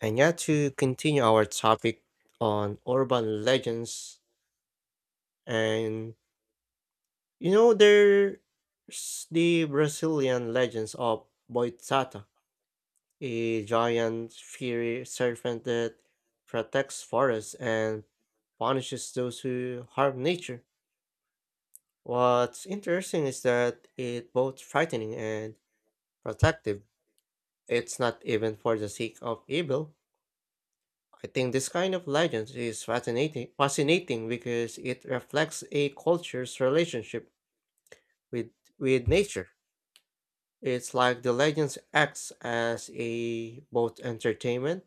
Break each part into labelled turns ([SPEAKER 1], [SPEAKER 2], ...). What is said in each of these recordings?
[SPEAKER 1] And yeah, to continue our topic on urban legends, and there's the Brazilian legends of Boitata, a giant fiery serpent that protects forests and punishes those who harm nature. What's interesting is that it's both frightening and protective. It's not even for the sake of evil. I think this kind of legend is fascinating because it reflects a culture's relationship with, with nature. It's like the legends acts as a both entertainment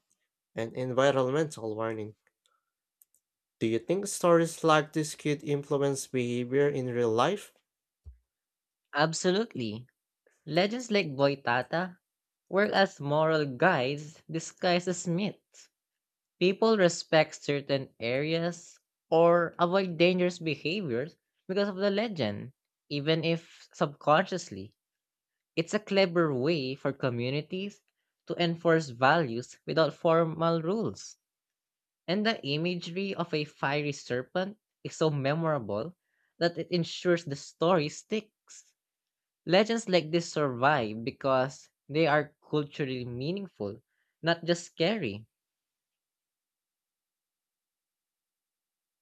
[SPEAKER 1] and environmental warning. Do you think stories like this could influence behavior in real life?
[SPEAKER 2] Absolutely. Legends like Boitata work as moral guides disguised as myths. People respect certain areas or avoid dangerous behaviors because of the legend, even if subconsciously. It's a clever way for communities to enforce values without formal rules. And the imagery of a fiery serpent is so memorable that it ensures the story sticks. Legends like this survive because they are culturally meaningful, not just scary.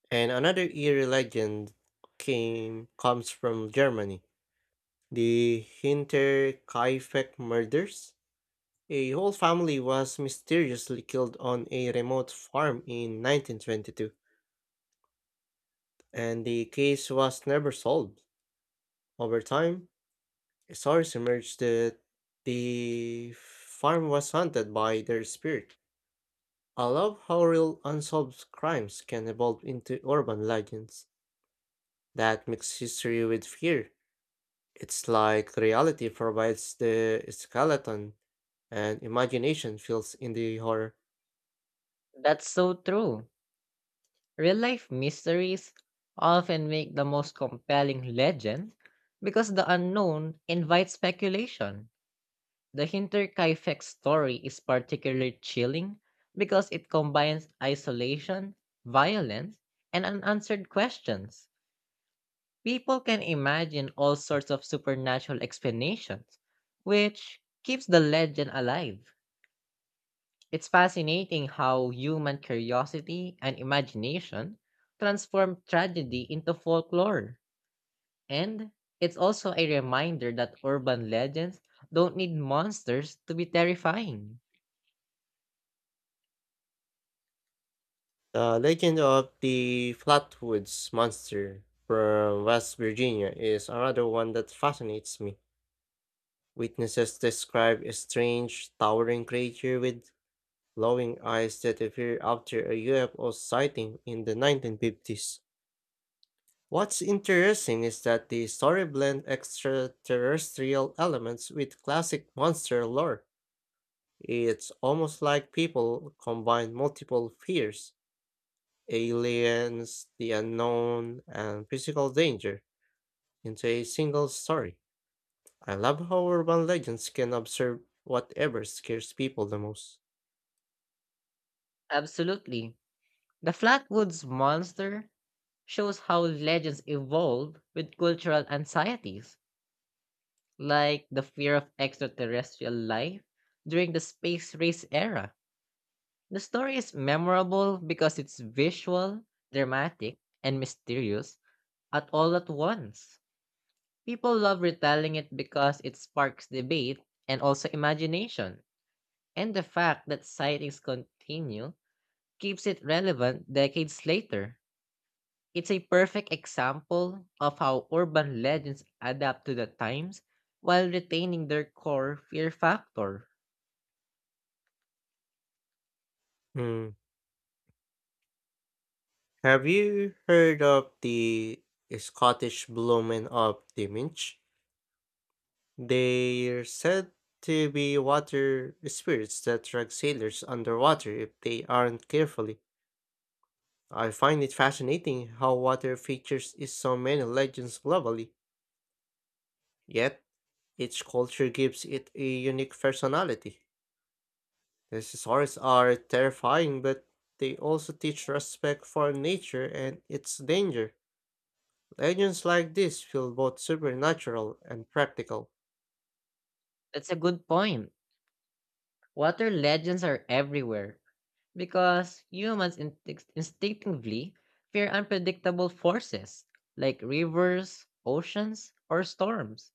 [SPEAKER 1] And another eerie legend came comes from Germany, the Hinterkaifeck murders. A whole family was mysteriously killed on a remote farm in 1922, and the case was never solved. Over time, stories emerged that the farm was haunted by their spirit. I love how real unsolved crimes can evolve into urban legends that mix history with fear. It's like reality provides the skeleton and imagination fills in the horror.
[SPEAKER 2] That's so true. Real life mysteries often make the most compelling legends because the unknown invites speculation. The Hinterkaifeck story is particularly chilling because it combines isolation, violence, and unanswered questions. People can imagine all sorts of supernatural explanations, which keeps the legend alive. It's fascinating how human curiosity and imagination transform tragedy into folklore. And it's also a reminder that urban legends don't need monsters to be terrifying.
[SPEAKER 1] The legend of the Flatwoods Monster from West Virginia is another one that fascinates me. Witnesses describe a strange, towering creature with glowing eyes that appeared after a UFO sighting in the 1950s. What's interesting is that the story blends extraterrestrial elements with classic monster lore. It's almost like people combine multiple fears: aliens, the unknown, and physical danger, into a single story. I love how urban legends can observe whatever scares people the most.
[SPEAKER 2] Absolutely. The Flatwoods monster shows how legends evolve with cultural anxieties, like the fear of extraterrestrial life during the space race era. The story is memorable because it's visual, dramatic, and mysterious at all at once. People love retelling it because it sparks debate and also imagination, and the fact that sightings continue keeps it relevant decades later. It's a perfect example of how urban legends adapt to the times while retaining their core fear factor.
[SPEAKER 1] Hmm. Have you heard of the Scottish Bloomin' of Diminch? They're said to be water spirits that drag sailors underwater if they aren't carefully. I find it fascinating how water features in so many legends globally. Yet each culture gives it a unique personality. Dinosaurs are terrifying, but they also teach respect for nature and its danger. Legends like this feel both supernatural and practical.
[SPEAKER 2] That's a good point. Water legends are everywhere because humans instinctively fear unpredictable forces like rivers, oceans, or storms.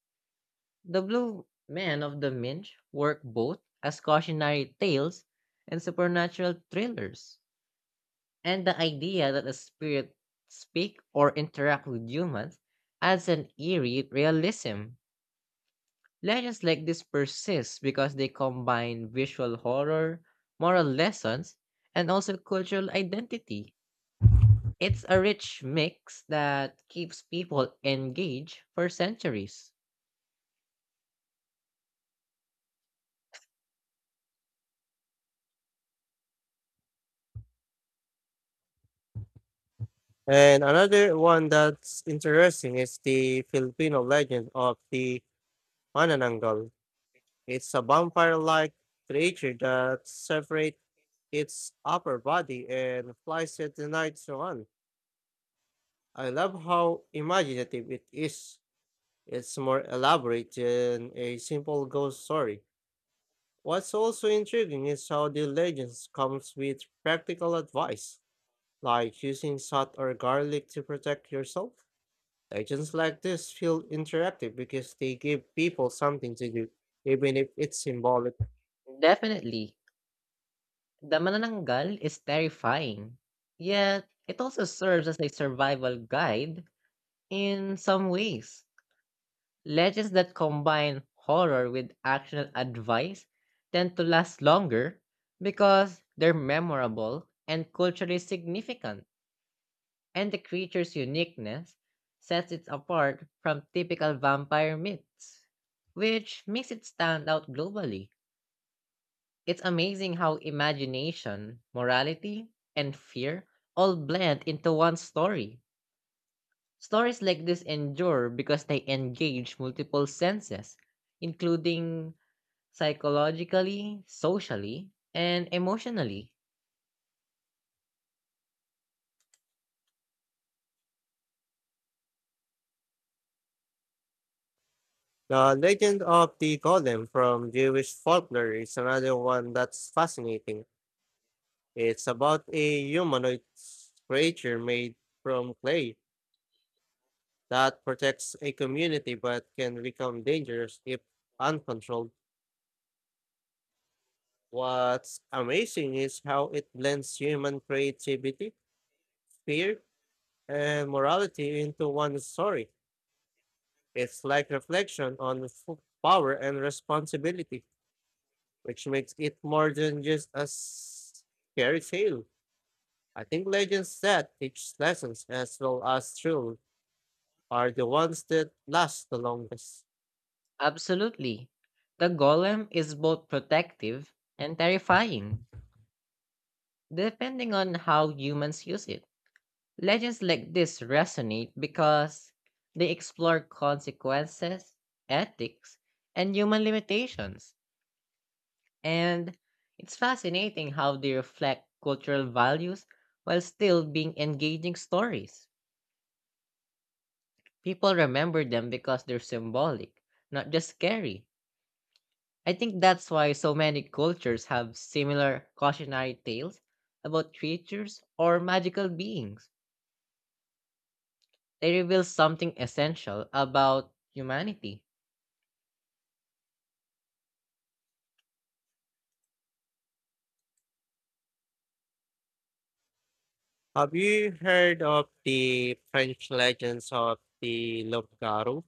[SPEAKER 2] The blue men of the Minch work both as cautionary tales and supernatural thrillers. And the idea that the spirit speak or interact with humans adds an eerie realism. Legends like this persist because they combine visual horror, moral lessons, and also cultural identity. It's a rich mix that keeps people engaged for centuries.
[SPEAKER 1] And another one that's interesting is the Filipino legend of the Manananggal. It's a vampire like creature that separates its upper body and flies at the night so on. I love how imaginative it is. It's more elaborate than a simple ghost story. What's also intriguing is how the legends comes with practical advice, like using salt or garlic to protect yourself. Legends like this feel interactive because they give people something to do, even if it's symbolic.
[SPEAKER 2] Definitely, the Manananggal is terrifying, yet it also serves as a survival guide in some ways. Legends that combine horror with actionable advice tend to last longer because they're memorable and culturally significant, and the creature's uniqueness sets it apart from typical vampire myths, which makes it stand out globally. It's amazing how imagination, morality, and fear all blend into one story. Stories like this endure because they engage multiple senses, including psychologically, socially, and emotionally.
[SPEAKER 1] The legend of the golem from Jewish folklore is another one that's fascinating. It's about a humanoid creature made from clay that protects a community but can become dangerous if uncontrolled. What's amazing is how it blends human creativity, fear, and morality into one story. It's like reflection on power and responsibility, which makes it more than just a scary tale. I think legends that teach lessons as well as thrill are the ones that last the longest.
[SPEAKER 2] Absolutely. The golem is both protective and terrifying, depending on how humans use it. Legends like this resonate because they explore consequences, ethics, and human limitations. And it's fascinating how they reflect cultural values while still being engaging stories. People remember them because they're symbolic, not just scary. I think that's why so many cultures have similar cautionary tales about creatures or magical beings. They reveal something essential about humanity.
[SPEAKER 1] Have you heard of the French legends of the Lobgaro?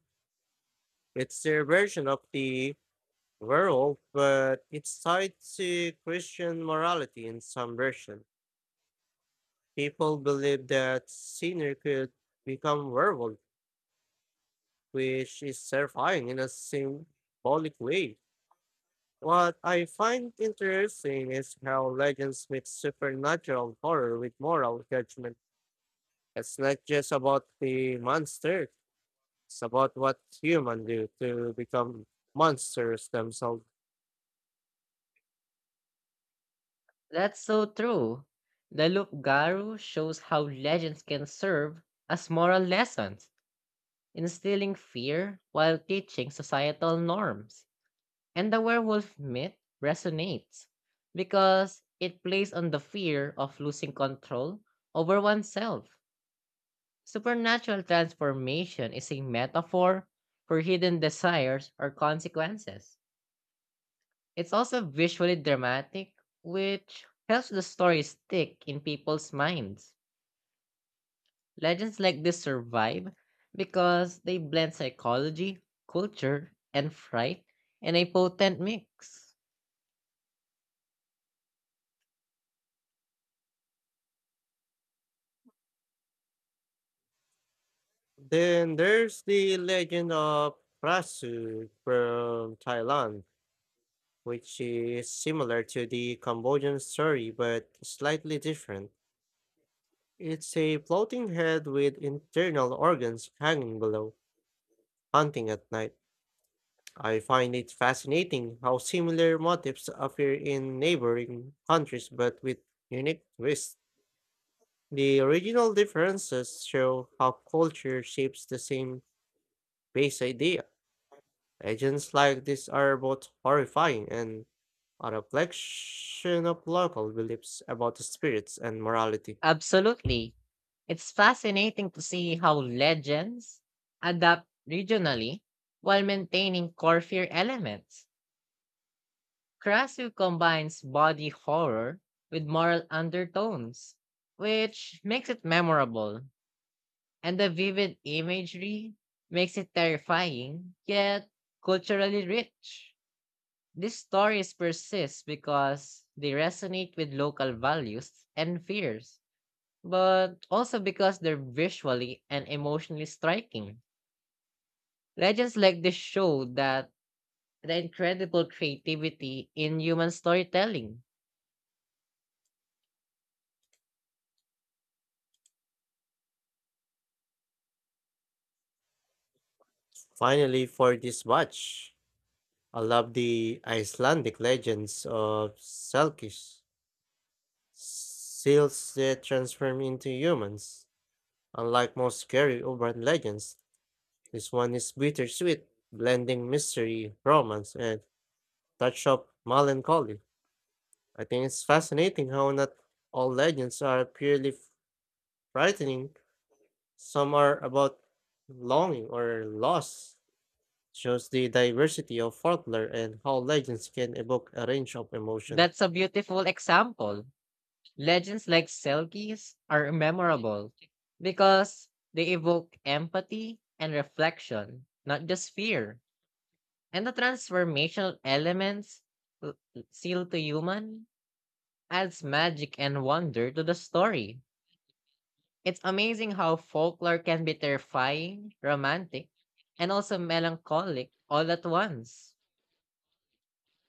[SPEAKER 1] It's their version of the werewolf, but it's tied to Christian morality in some version. People believe that sinner could become werewolf, which is terrifying in a symbolic way. What I find interesting is how legends mix supernatural horror with moral judgment. It's not just about the monster. It's about what humans do to become monsters themselves.
[SPEAKER 2] That's so true. The Lupgaru shows how legends can serve as moral lessons, instilling fear while teaching societal norms. And the werewolf myth resonates because it plays on the fear of losing control over oneself. Supernatural transformation is a metaphor for hidden desires or consequences. It's also visually dramatic, which helps the story stick in people's minds. Legends like this survive because they blend psychology, culture, and fright in a potent mix.
[SPEAKER 1] Then there's the legend of Prasu from Thailand, which is similar to the Cambodian story but slightly different. It's a floating head with internal organs hanging below, hunting at night. I find it fascinating how similar motifs appear in neighboring countries but with unique twists. The original differences show how culture shapes the same base idea. Legends like this are both horrifying and a reflection of local beliefs about the spirits and morality.
[SPEAKER 2] Absolutely. It's fascinating to see how legends adapt regionally while maintaining core fear elements. Krasu combines body horror with moral undertones, which makes it memorable, and the vivid imagery makes it terrifying yet culturally rich. These stories persist because they resonate with local values and fears but also because they're visually and emotionally striking. Legends like this show that the incredible creativity in human storytelling.
[SPEAKER 1] Finally, for this batch, I love the Icelandic legends of Selkish, seals that transform into humans. Unlike most scary urban legends, this one is bittersweet, blending mystery, romance, and touch of melancholy. I think it's fascinating how not all legends are purely frightening. Some are about longing or loss. Shows the diversity of folklore and how legends can evoke a range of emotion.
[SPEAKER 2] That's a beautiful example. Legends like Selkies are memorable because they evoke empathy and reflection, not just fear. And the transformational elements l- sealed to human adds magic and wonder to the story. It's amazing how folklore can be terrifying, romantic, and also melancholic all at once.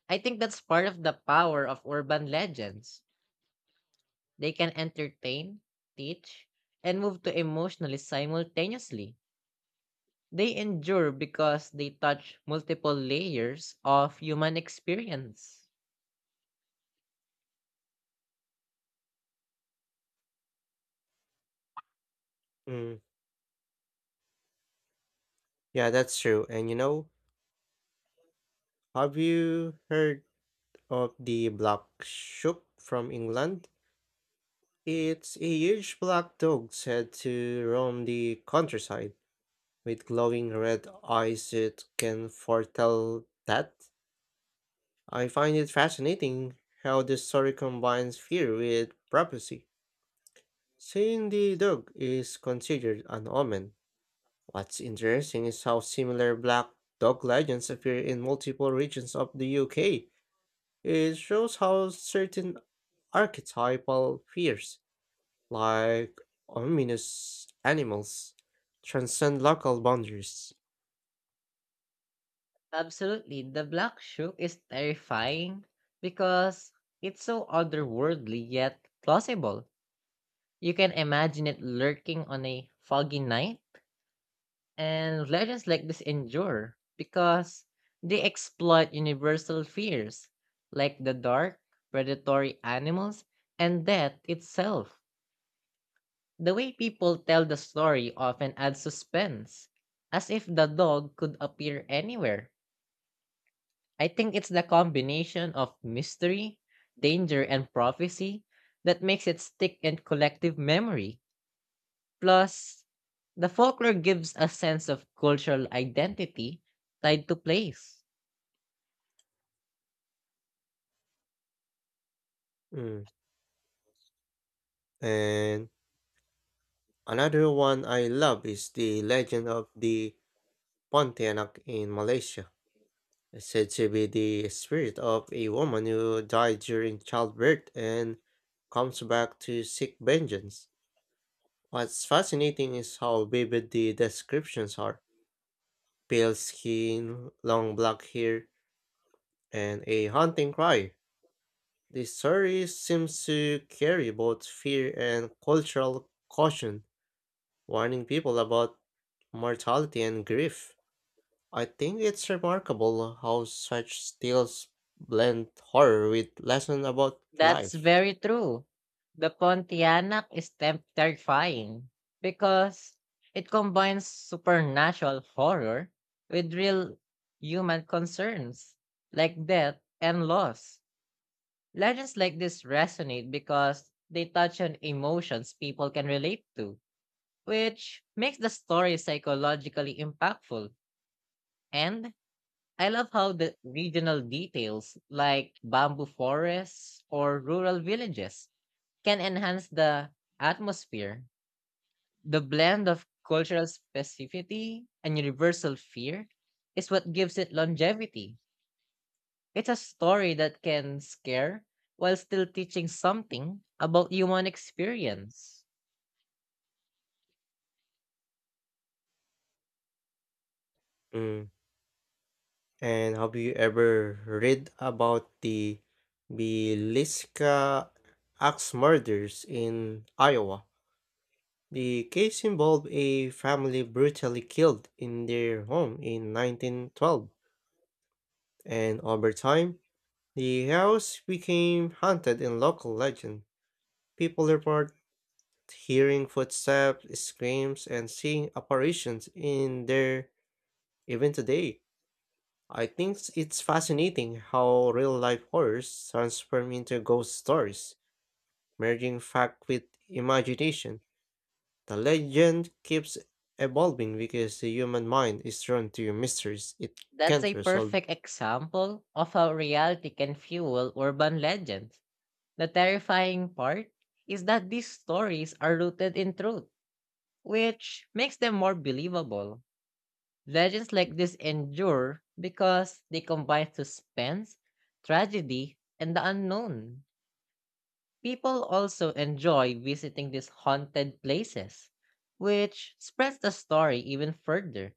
[SPEAKER 2] I think that's part of the power of urban legends. They can entertain, teach, and move to emotionally simultaneously. They endure because they touch multiple layers of human experience.
[SPEAKER 1] Mm, yeah, that's true. And you know, have you heard of the black sheep from England? It's a huge black dog's head to roam the countryside with glowing red eyes that can foretell that. I find it fascinating how the story combines fear with prophecy. Seeing the dog is considered an omen. What's interesting is how similar black dog legends appear in multiple regions of the UK. It shows how certain archetypal fears, like ominous animals, transcend local boundaries.
[SPEAKER 2] Absolutely, the Black Shook is terrifying because it's so otherworldly yet plausible. You can imagine it lurking on a foggy night, and legends like this endure because they exploit universal fears like the dark, predatory animals, and death itself. The way people tell the story often adds suspense, as if the dog could appear anywhere. I think it's the combination of mystery, danger, and prophecy that makes it stick in collective memory. Plus, the folklore gives a sense of cultural identity tied to place.
[SPEAKER 1] Mm. And another one I love is the Legend of the Pontianak in Malaysia. It's said to be the spirit of a woman who died during childbirth and comes back to seek vengeance. What's fascinating is how vivid the descriptions are. Pale skin, long black hair, and a haunting cry. The story seems to carry both fear and cultural caution, warning people about mortality and grief. I think it's remarkable how such tales blend horror with lessons about
[SPEAKER 2] That's
[SPEAKER 1] life.
[SPEAKER 2] very true. The Pontianak is terrifying because it combines supernatural horror with real human concerns like death and loss. Legends like this resonate because they touch on emotions people can relate to, which makes the story psychologically impactful. And I love how the regional details like bamboo forests or rural villages can enhance the atmosphere. The blend of cultural specificity and universal fear is what gives it longevity. It's a story that can scare while still teaching something about human experience.
[SPEAKER 1] Mm. And have you ever read about the Beliska axe murders in Iowa? The case involved a family brutally killed in their home in 1912, and over time, the house became haunted in local legend. People report hearing footsteps, screams, and seeing apparitions in there even today. I think it's fascinating how real life horrors transform into ghost stories, merging fact with imagination. The legend keeps evolving because the human mind is drawn to mysteries it
[SPEAKER 2] That's
[SPEAKER 1] can't
[SPEAKER 2] a
[SPEAKER 1] resolve.
[SPEAKER 2] perfect example of how reality can fuel urban legends. The terrifying part is that these stories are rooted in truth, which makes them more believable. Legends like this endure because they combine suspense, tragedy, and the unknown. People also enjoy visiting these haunted places, which spreads the story even further.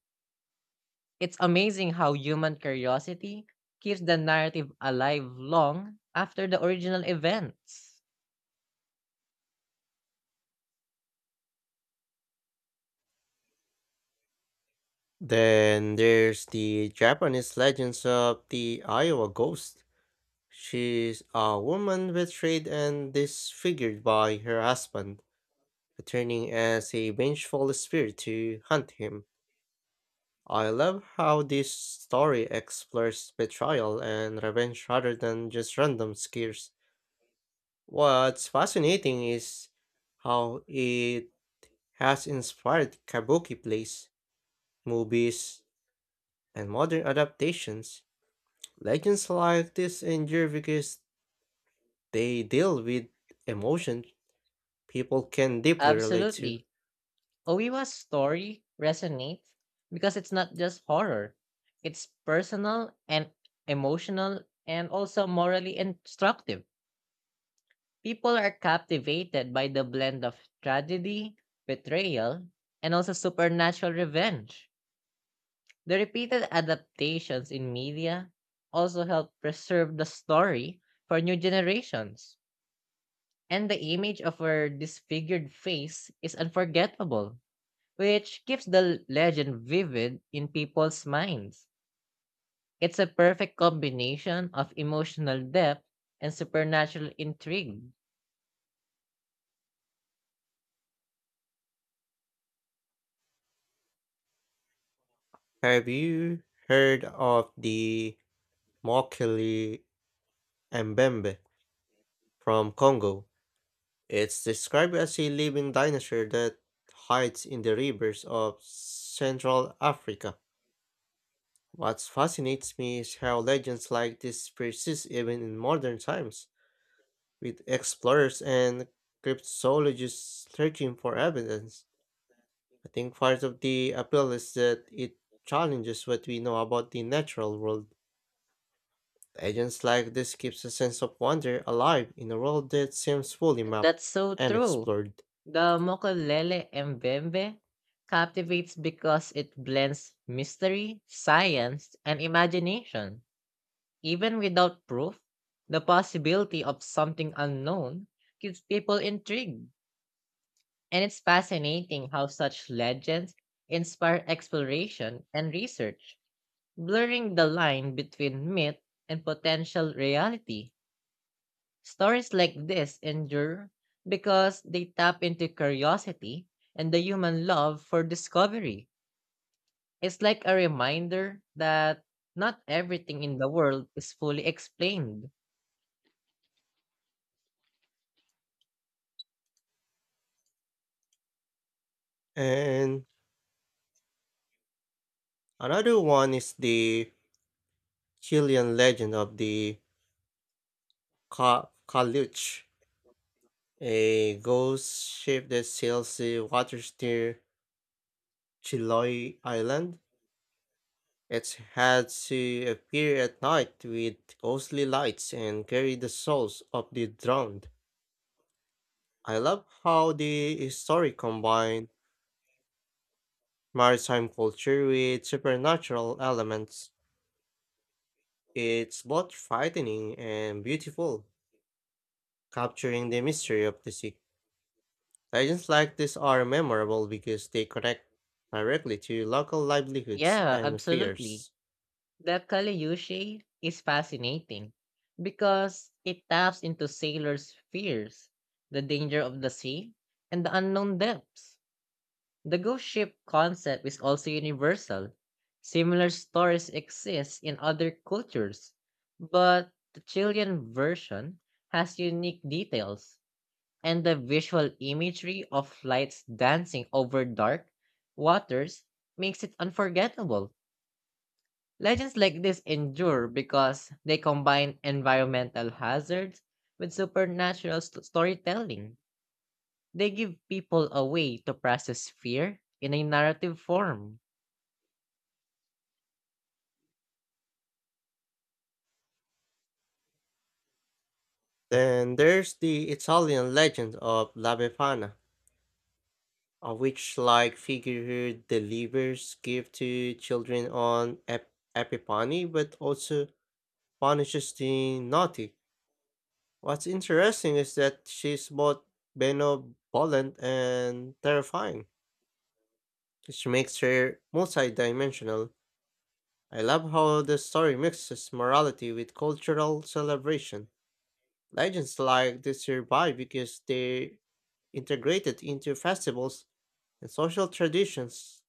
[SPEAKER 2] It's amazing how human curiosity keeps the narrative alive long after the original events.
[SPEAKER 1] Then there's the Japanese legends of the Iowa ghost. She's a woman with trade and disfigured by her husband, returning as a vengeful spirit to hunt him. I love how this story explores betrayal and revenge rather than just random scares. What's fascinating is how it has inspired kabuki plays, movies, and modern adaptations. Legends like this endure because they deal with emotion people can deeply relate to.
[SPEAKER 2] Absolutely. Oiwa's story resonates because it's not just horror. It's personal and emotional and also morally instructive. People are captivated by the blend of tragedy, betrayal, and also supernatural revenge. The repeated adaptations in media also help preserve the story for new generations. And the image of her disfigured face is unforgettable, which keeps the legend vivid in people's minds. It's a perfect combination of emotional depth and supernatural intrigue.
[SPEAKER 1] Have you heard of the Mokele Mbembe from Congo? It's described as a living dinosaur that hides in the rivers of Central Africa. What fascinates me is how legends like this persist even in modern times, with explorers and cryptologists searching for evidence. I think part of the appeal is that it challenges what we know about the natural world. Legends like this keeps a sense of wonder alive in a world that seems fully mapped
[SPEAKER 2] That's so
[SPEAKER 1] and
[SPEAKER 2] true.
[SPEAKER 1] explored.
[SPEAKER 2] The Mokolele Mbembe captivates because it blends mystery, science, and imagination. Even without proof, the possibility of something unknown keeps people intrigued. And it's fascinating how such legends inspire exploration and research, blurring the line between myth and potential reality. Stories like this endure because they tap into curiosity and the human love for discovery. It's like a reminder that not everything in the world is fully explained.
[SPEAKER 1] And another one is the Chilean legend of the Caluch, a ghost ship that sails the waters near Chiloé Island. It's had to appear at night with ghostly lights and carry the souls of the drowned. I love how the story combines maritime culture with supernatural elements. It's both frightening and beautiful, capturing the mystery of the sea. Legends like this are memorable because they connect directly to local livelihoods
[SPEAKER 2] Yeah,
[SPEAKER 1] and
[SPEAKER 2] absolutely.
[SPEAKER 1] fears.
[SPEAKER 2] The Kaleyushe is fascinating because it taps into sailors' fears, the danger of the sea, and the unknown depths. The ghost ship concept is also universal. Similar stories exist in other cultures, but the Chilean version has unique details, and the visual imagery of lights dancing over dark waters makes it unforgettable. Legends like this endure because they combine environmental hazards with supernatural storytelling. They give people a way to process fear in a narrative form.
[SPEAKER 1] Then there's the Italian legend of La Befana, a witch like figure who delivers gifts to children on Epiphany but also punishes the naughty. What's interesting is that she's both benevolent and terrifying, which makes her multidimensional. I love how the story mixes morality with cultural celebration. Legends like this survive because they're integrated into festivals and social traditions,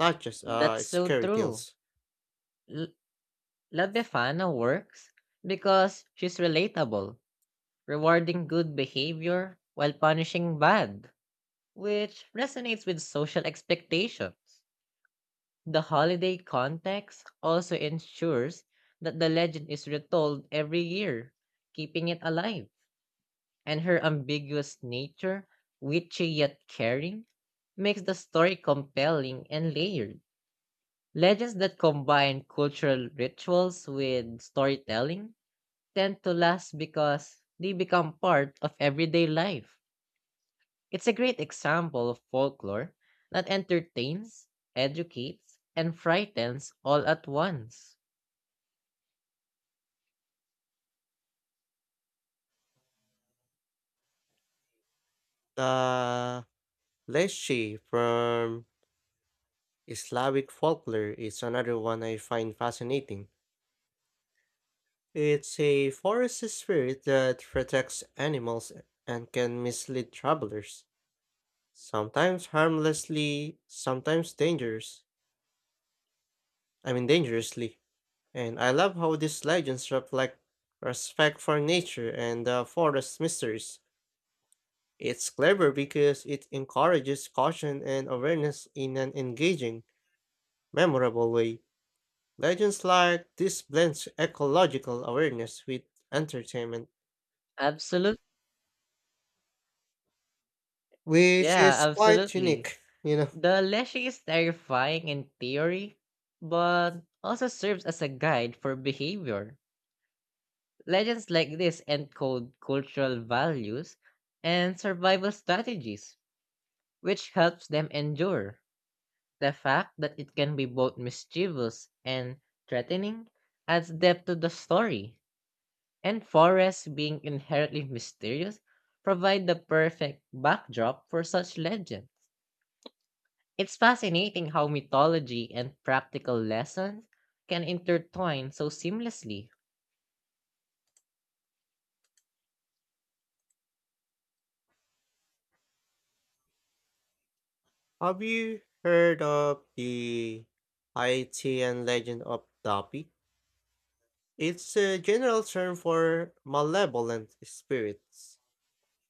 [SPEAKER 1] not just
[SPEAKER 2] That's so
[SPEAKER 1] scary
[SPEAKER 2] true.
[SPEAKER 1] tales.
[SPEAKER 2] L- La Befana works because she's relatable, rewarding good behavior while punishing bad, which resonates with social expectations. The holiday context also ensures that the legend is retold every year, keeping it alive. And her ambiguous nature, witchy yet caring, makes the story compelling and layered. Legends that combine cultural rituals with storytelling tend to last because they become part of everyday life. It's a great example of folklore that entertains, educates, and frightens all at once.
[SPEAKER 1] The Leschi from Slavic folklore is another one I find fascinating. It's a forest spirit that protects animals and can mislead travelers, sometimes harmlessly, sometimes dangerous. I mean dangerously. And I love how these legends reflect respect for nature and the forest mysteries. It's clever because it encourages caution and awareness in an engaging, memorable way. Legends like this blends ecological awareness with entertainment.
[SPEAKER 2] Absolute
[SPEAKER 1] Which
[SPEAKER 2] yeah,
[SPEAKER 1] is quite
[SPEAKER 2] absolutely.
[SPEAKER 1] unique, you know.
[SPEAKER 2] The Leshy is terrifying in theory, but also serves as a guide for behavior. Legends like this encode cultural values and survival strategies, which helps them endure. The fact that it can be both mischievous and threatening adds depth to the story, and forests being inherently mysterious provide the perfect backdrop for such legends. It's fascinating how mythology and practical lessons can intertwine so seamlessly.
[SPEAKER 1] Have you heard of the Haitian legend of Dapi? It's a general term for malevolent spirits,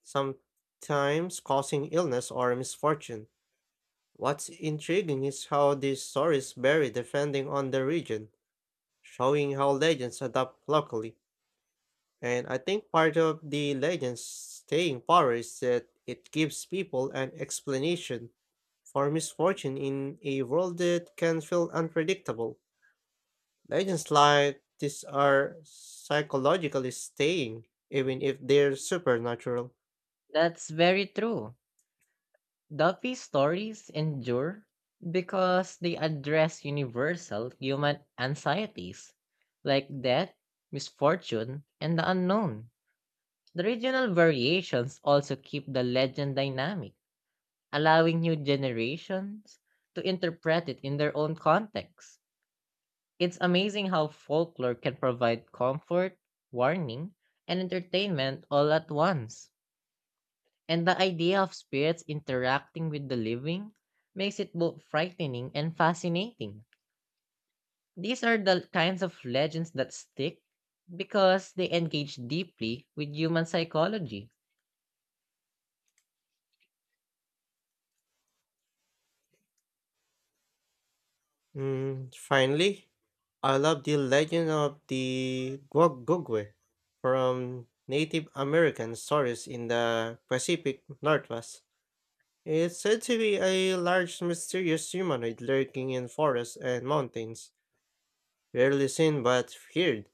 [SPEAKER 1] sometimes causing illness or misfortune. What's intriguing is how these stories vary depending on the region, showing how legends adapt locally. And I think part of the legend's staying power is that it gives people an explanation for misfortune in a world that can feel unpredictable. Legends like this are psychologically staying, even if they're supernatural.
[SPEAKER 2] That's very true. Duffy's stories endure because they address universal human anxieties like death, misfortune, and the unknown. The regional variations also keep the legend dynamic, allowing new generations to interpret it in their own context. It's amazing how folklore can provide comfort, warning, and entertainment all at once. And the idea of spirits interacting with the living makes it both frightening and fascinating. These are the kinds of legends that stick because they engage deeply with human psychology.
[SPEAKER 1] Mm, finally, I love the legend of the Gogwe from Native American stories in the Pacific Northwest. It's said to be a large mysterious humanoid lurking in forests and mountains, rarely seen but feared.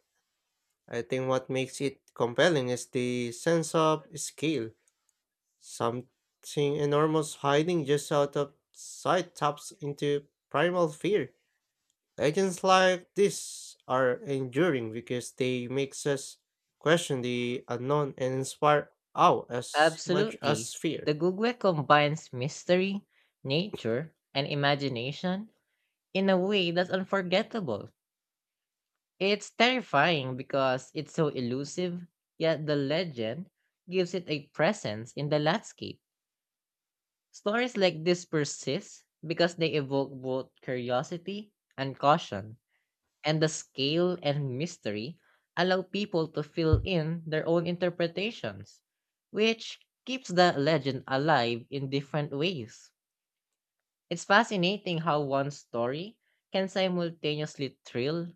[SPEAKER 1] I think what makes it compelling is the sense of scale. Something enormous hiding just out of sight taps into primal fear. Legends like this are enduring because they makes us question the unknown and inspire awe as much as
[SPEAKER 2] Absolutely.
[SPEAKER 1] fear.
[SPEAKER 2] The Gugwe combines mystery, nature, and imagination in a way that's unforgettable. It's terrifying because it's so elusive, yet the legend gives it a presence in the landscape. Stories like this persist because they evoke both curiosity and caution, and the scale and mystery allow people to fill in their own interpretations, which keeps the legend alive in different ways. It's fascinating how one story can simultaneously thrill,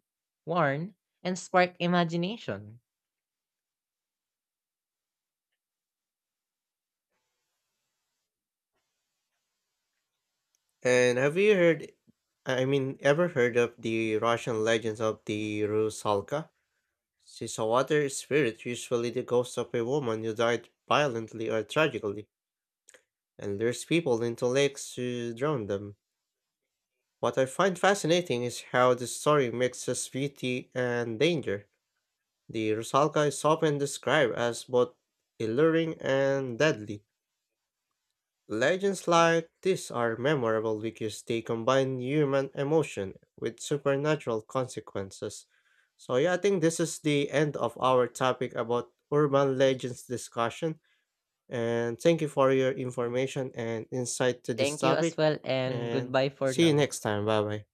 [SPEAKER 2] warn, and spark imagination.
[SPEAKER 1] And have you heard ever heard of the Russian legends of the Rusalka? Seawater spirit, usually the ghost of a woman who died violently or tragically, and lures people into lakes to drown them. What I find fascinating is how the story mixes beauty and danger. The Rusalka is often described as both alluring and deadly. Legends like this are memorable because they combine human emotion with supernatural consequences. So, yeah, I think this is the end of our topic about urban legends discussion. And thank you for your information and insight to this
[SPEAKER 2] Thank you as
[SPEAKER 1] topic.
[SPEAKER 2] well and
[SPEAKER 1] And
[SPEAKER 2] goodbye for
[SPEAKER 1] see you
[SPEAKER 2] now.
[SPEAKER 1] next time. Bye bye.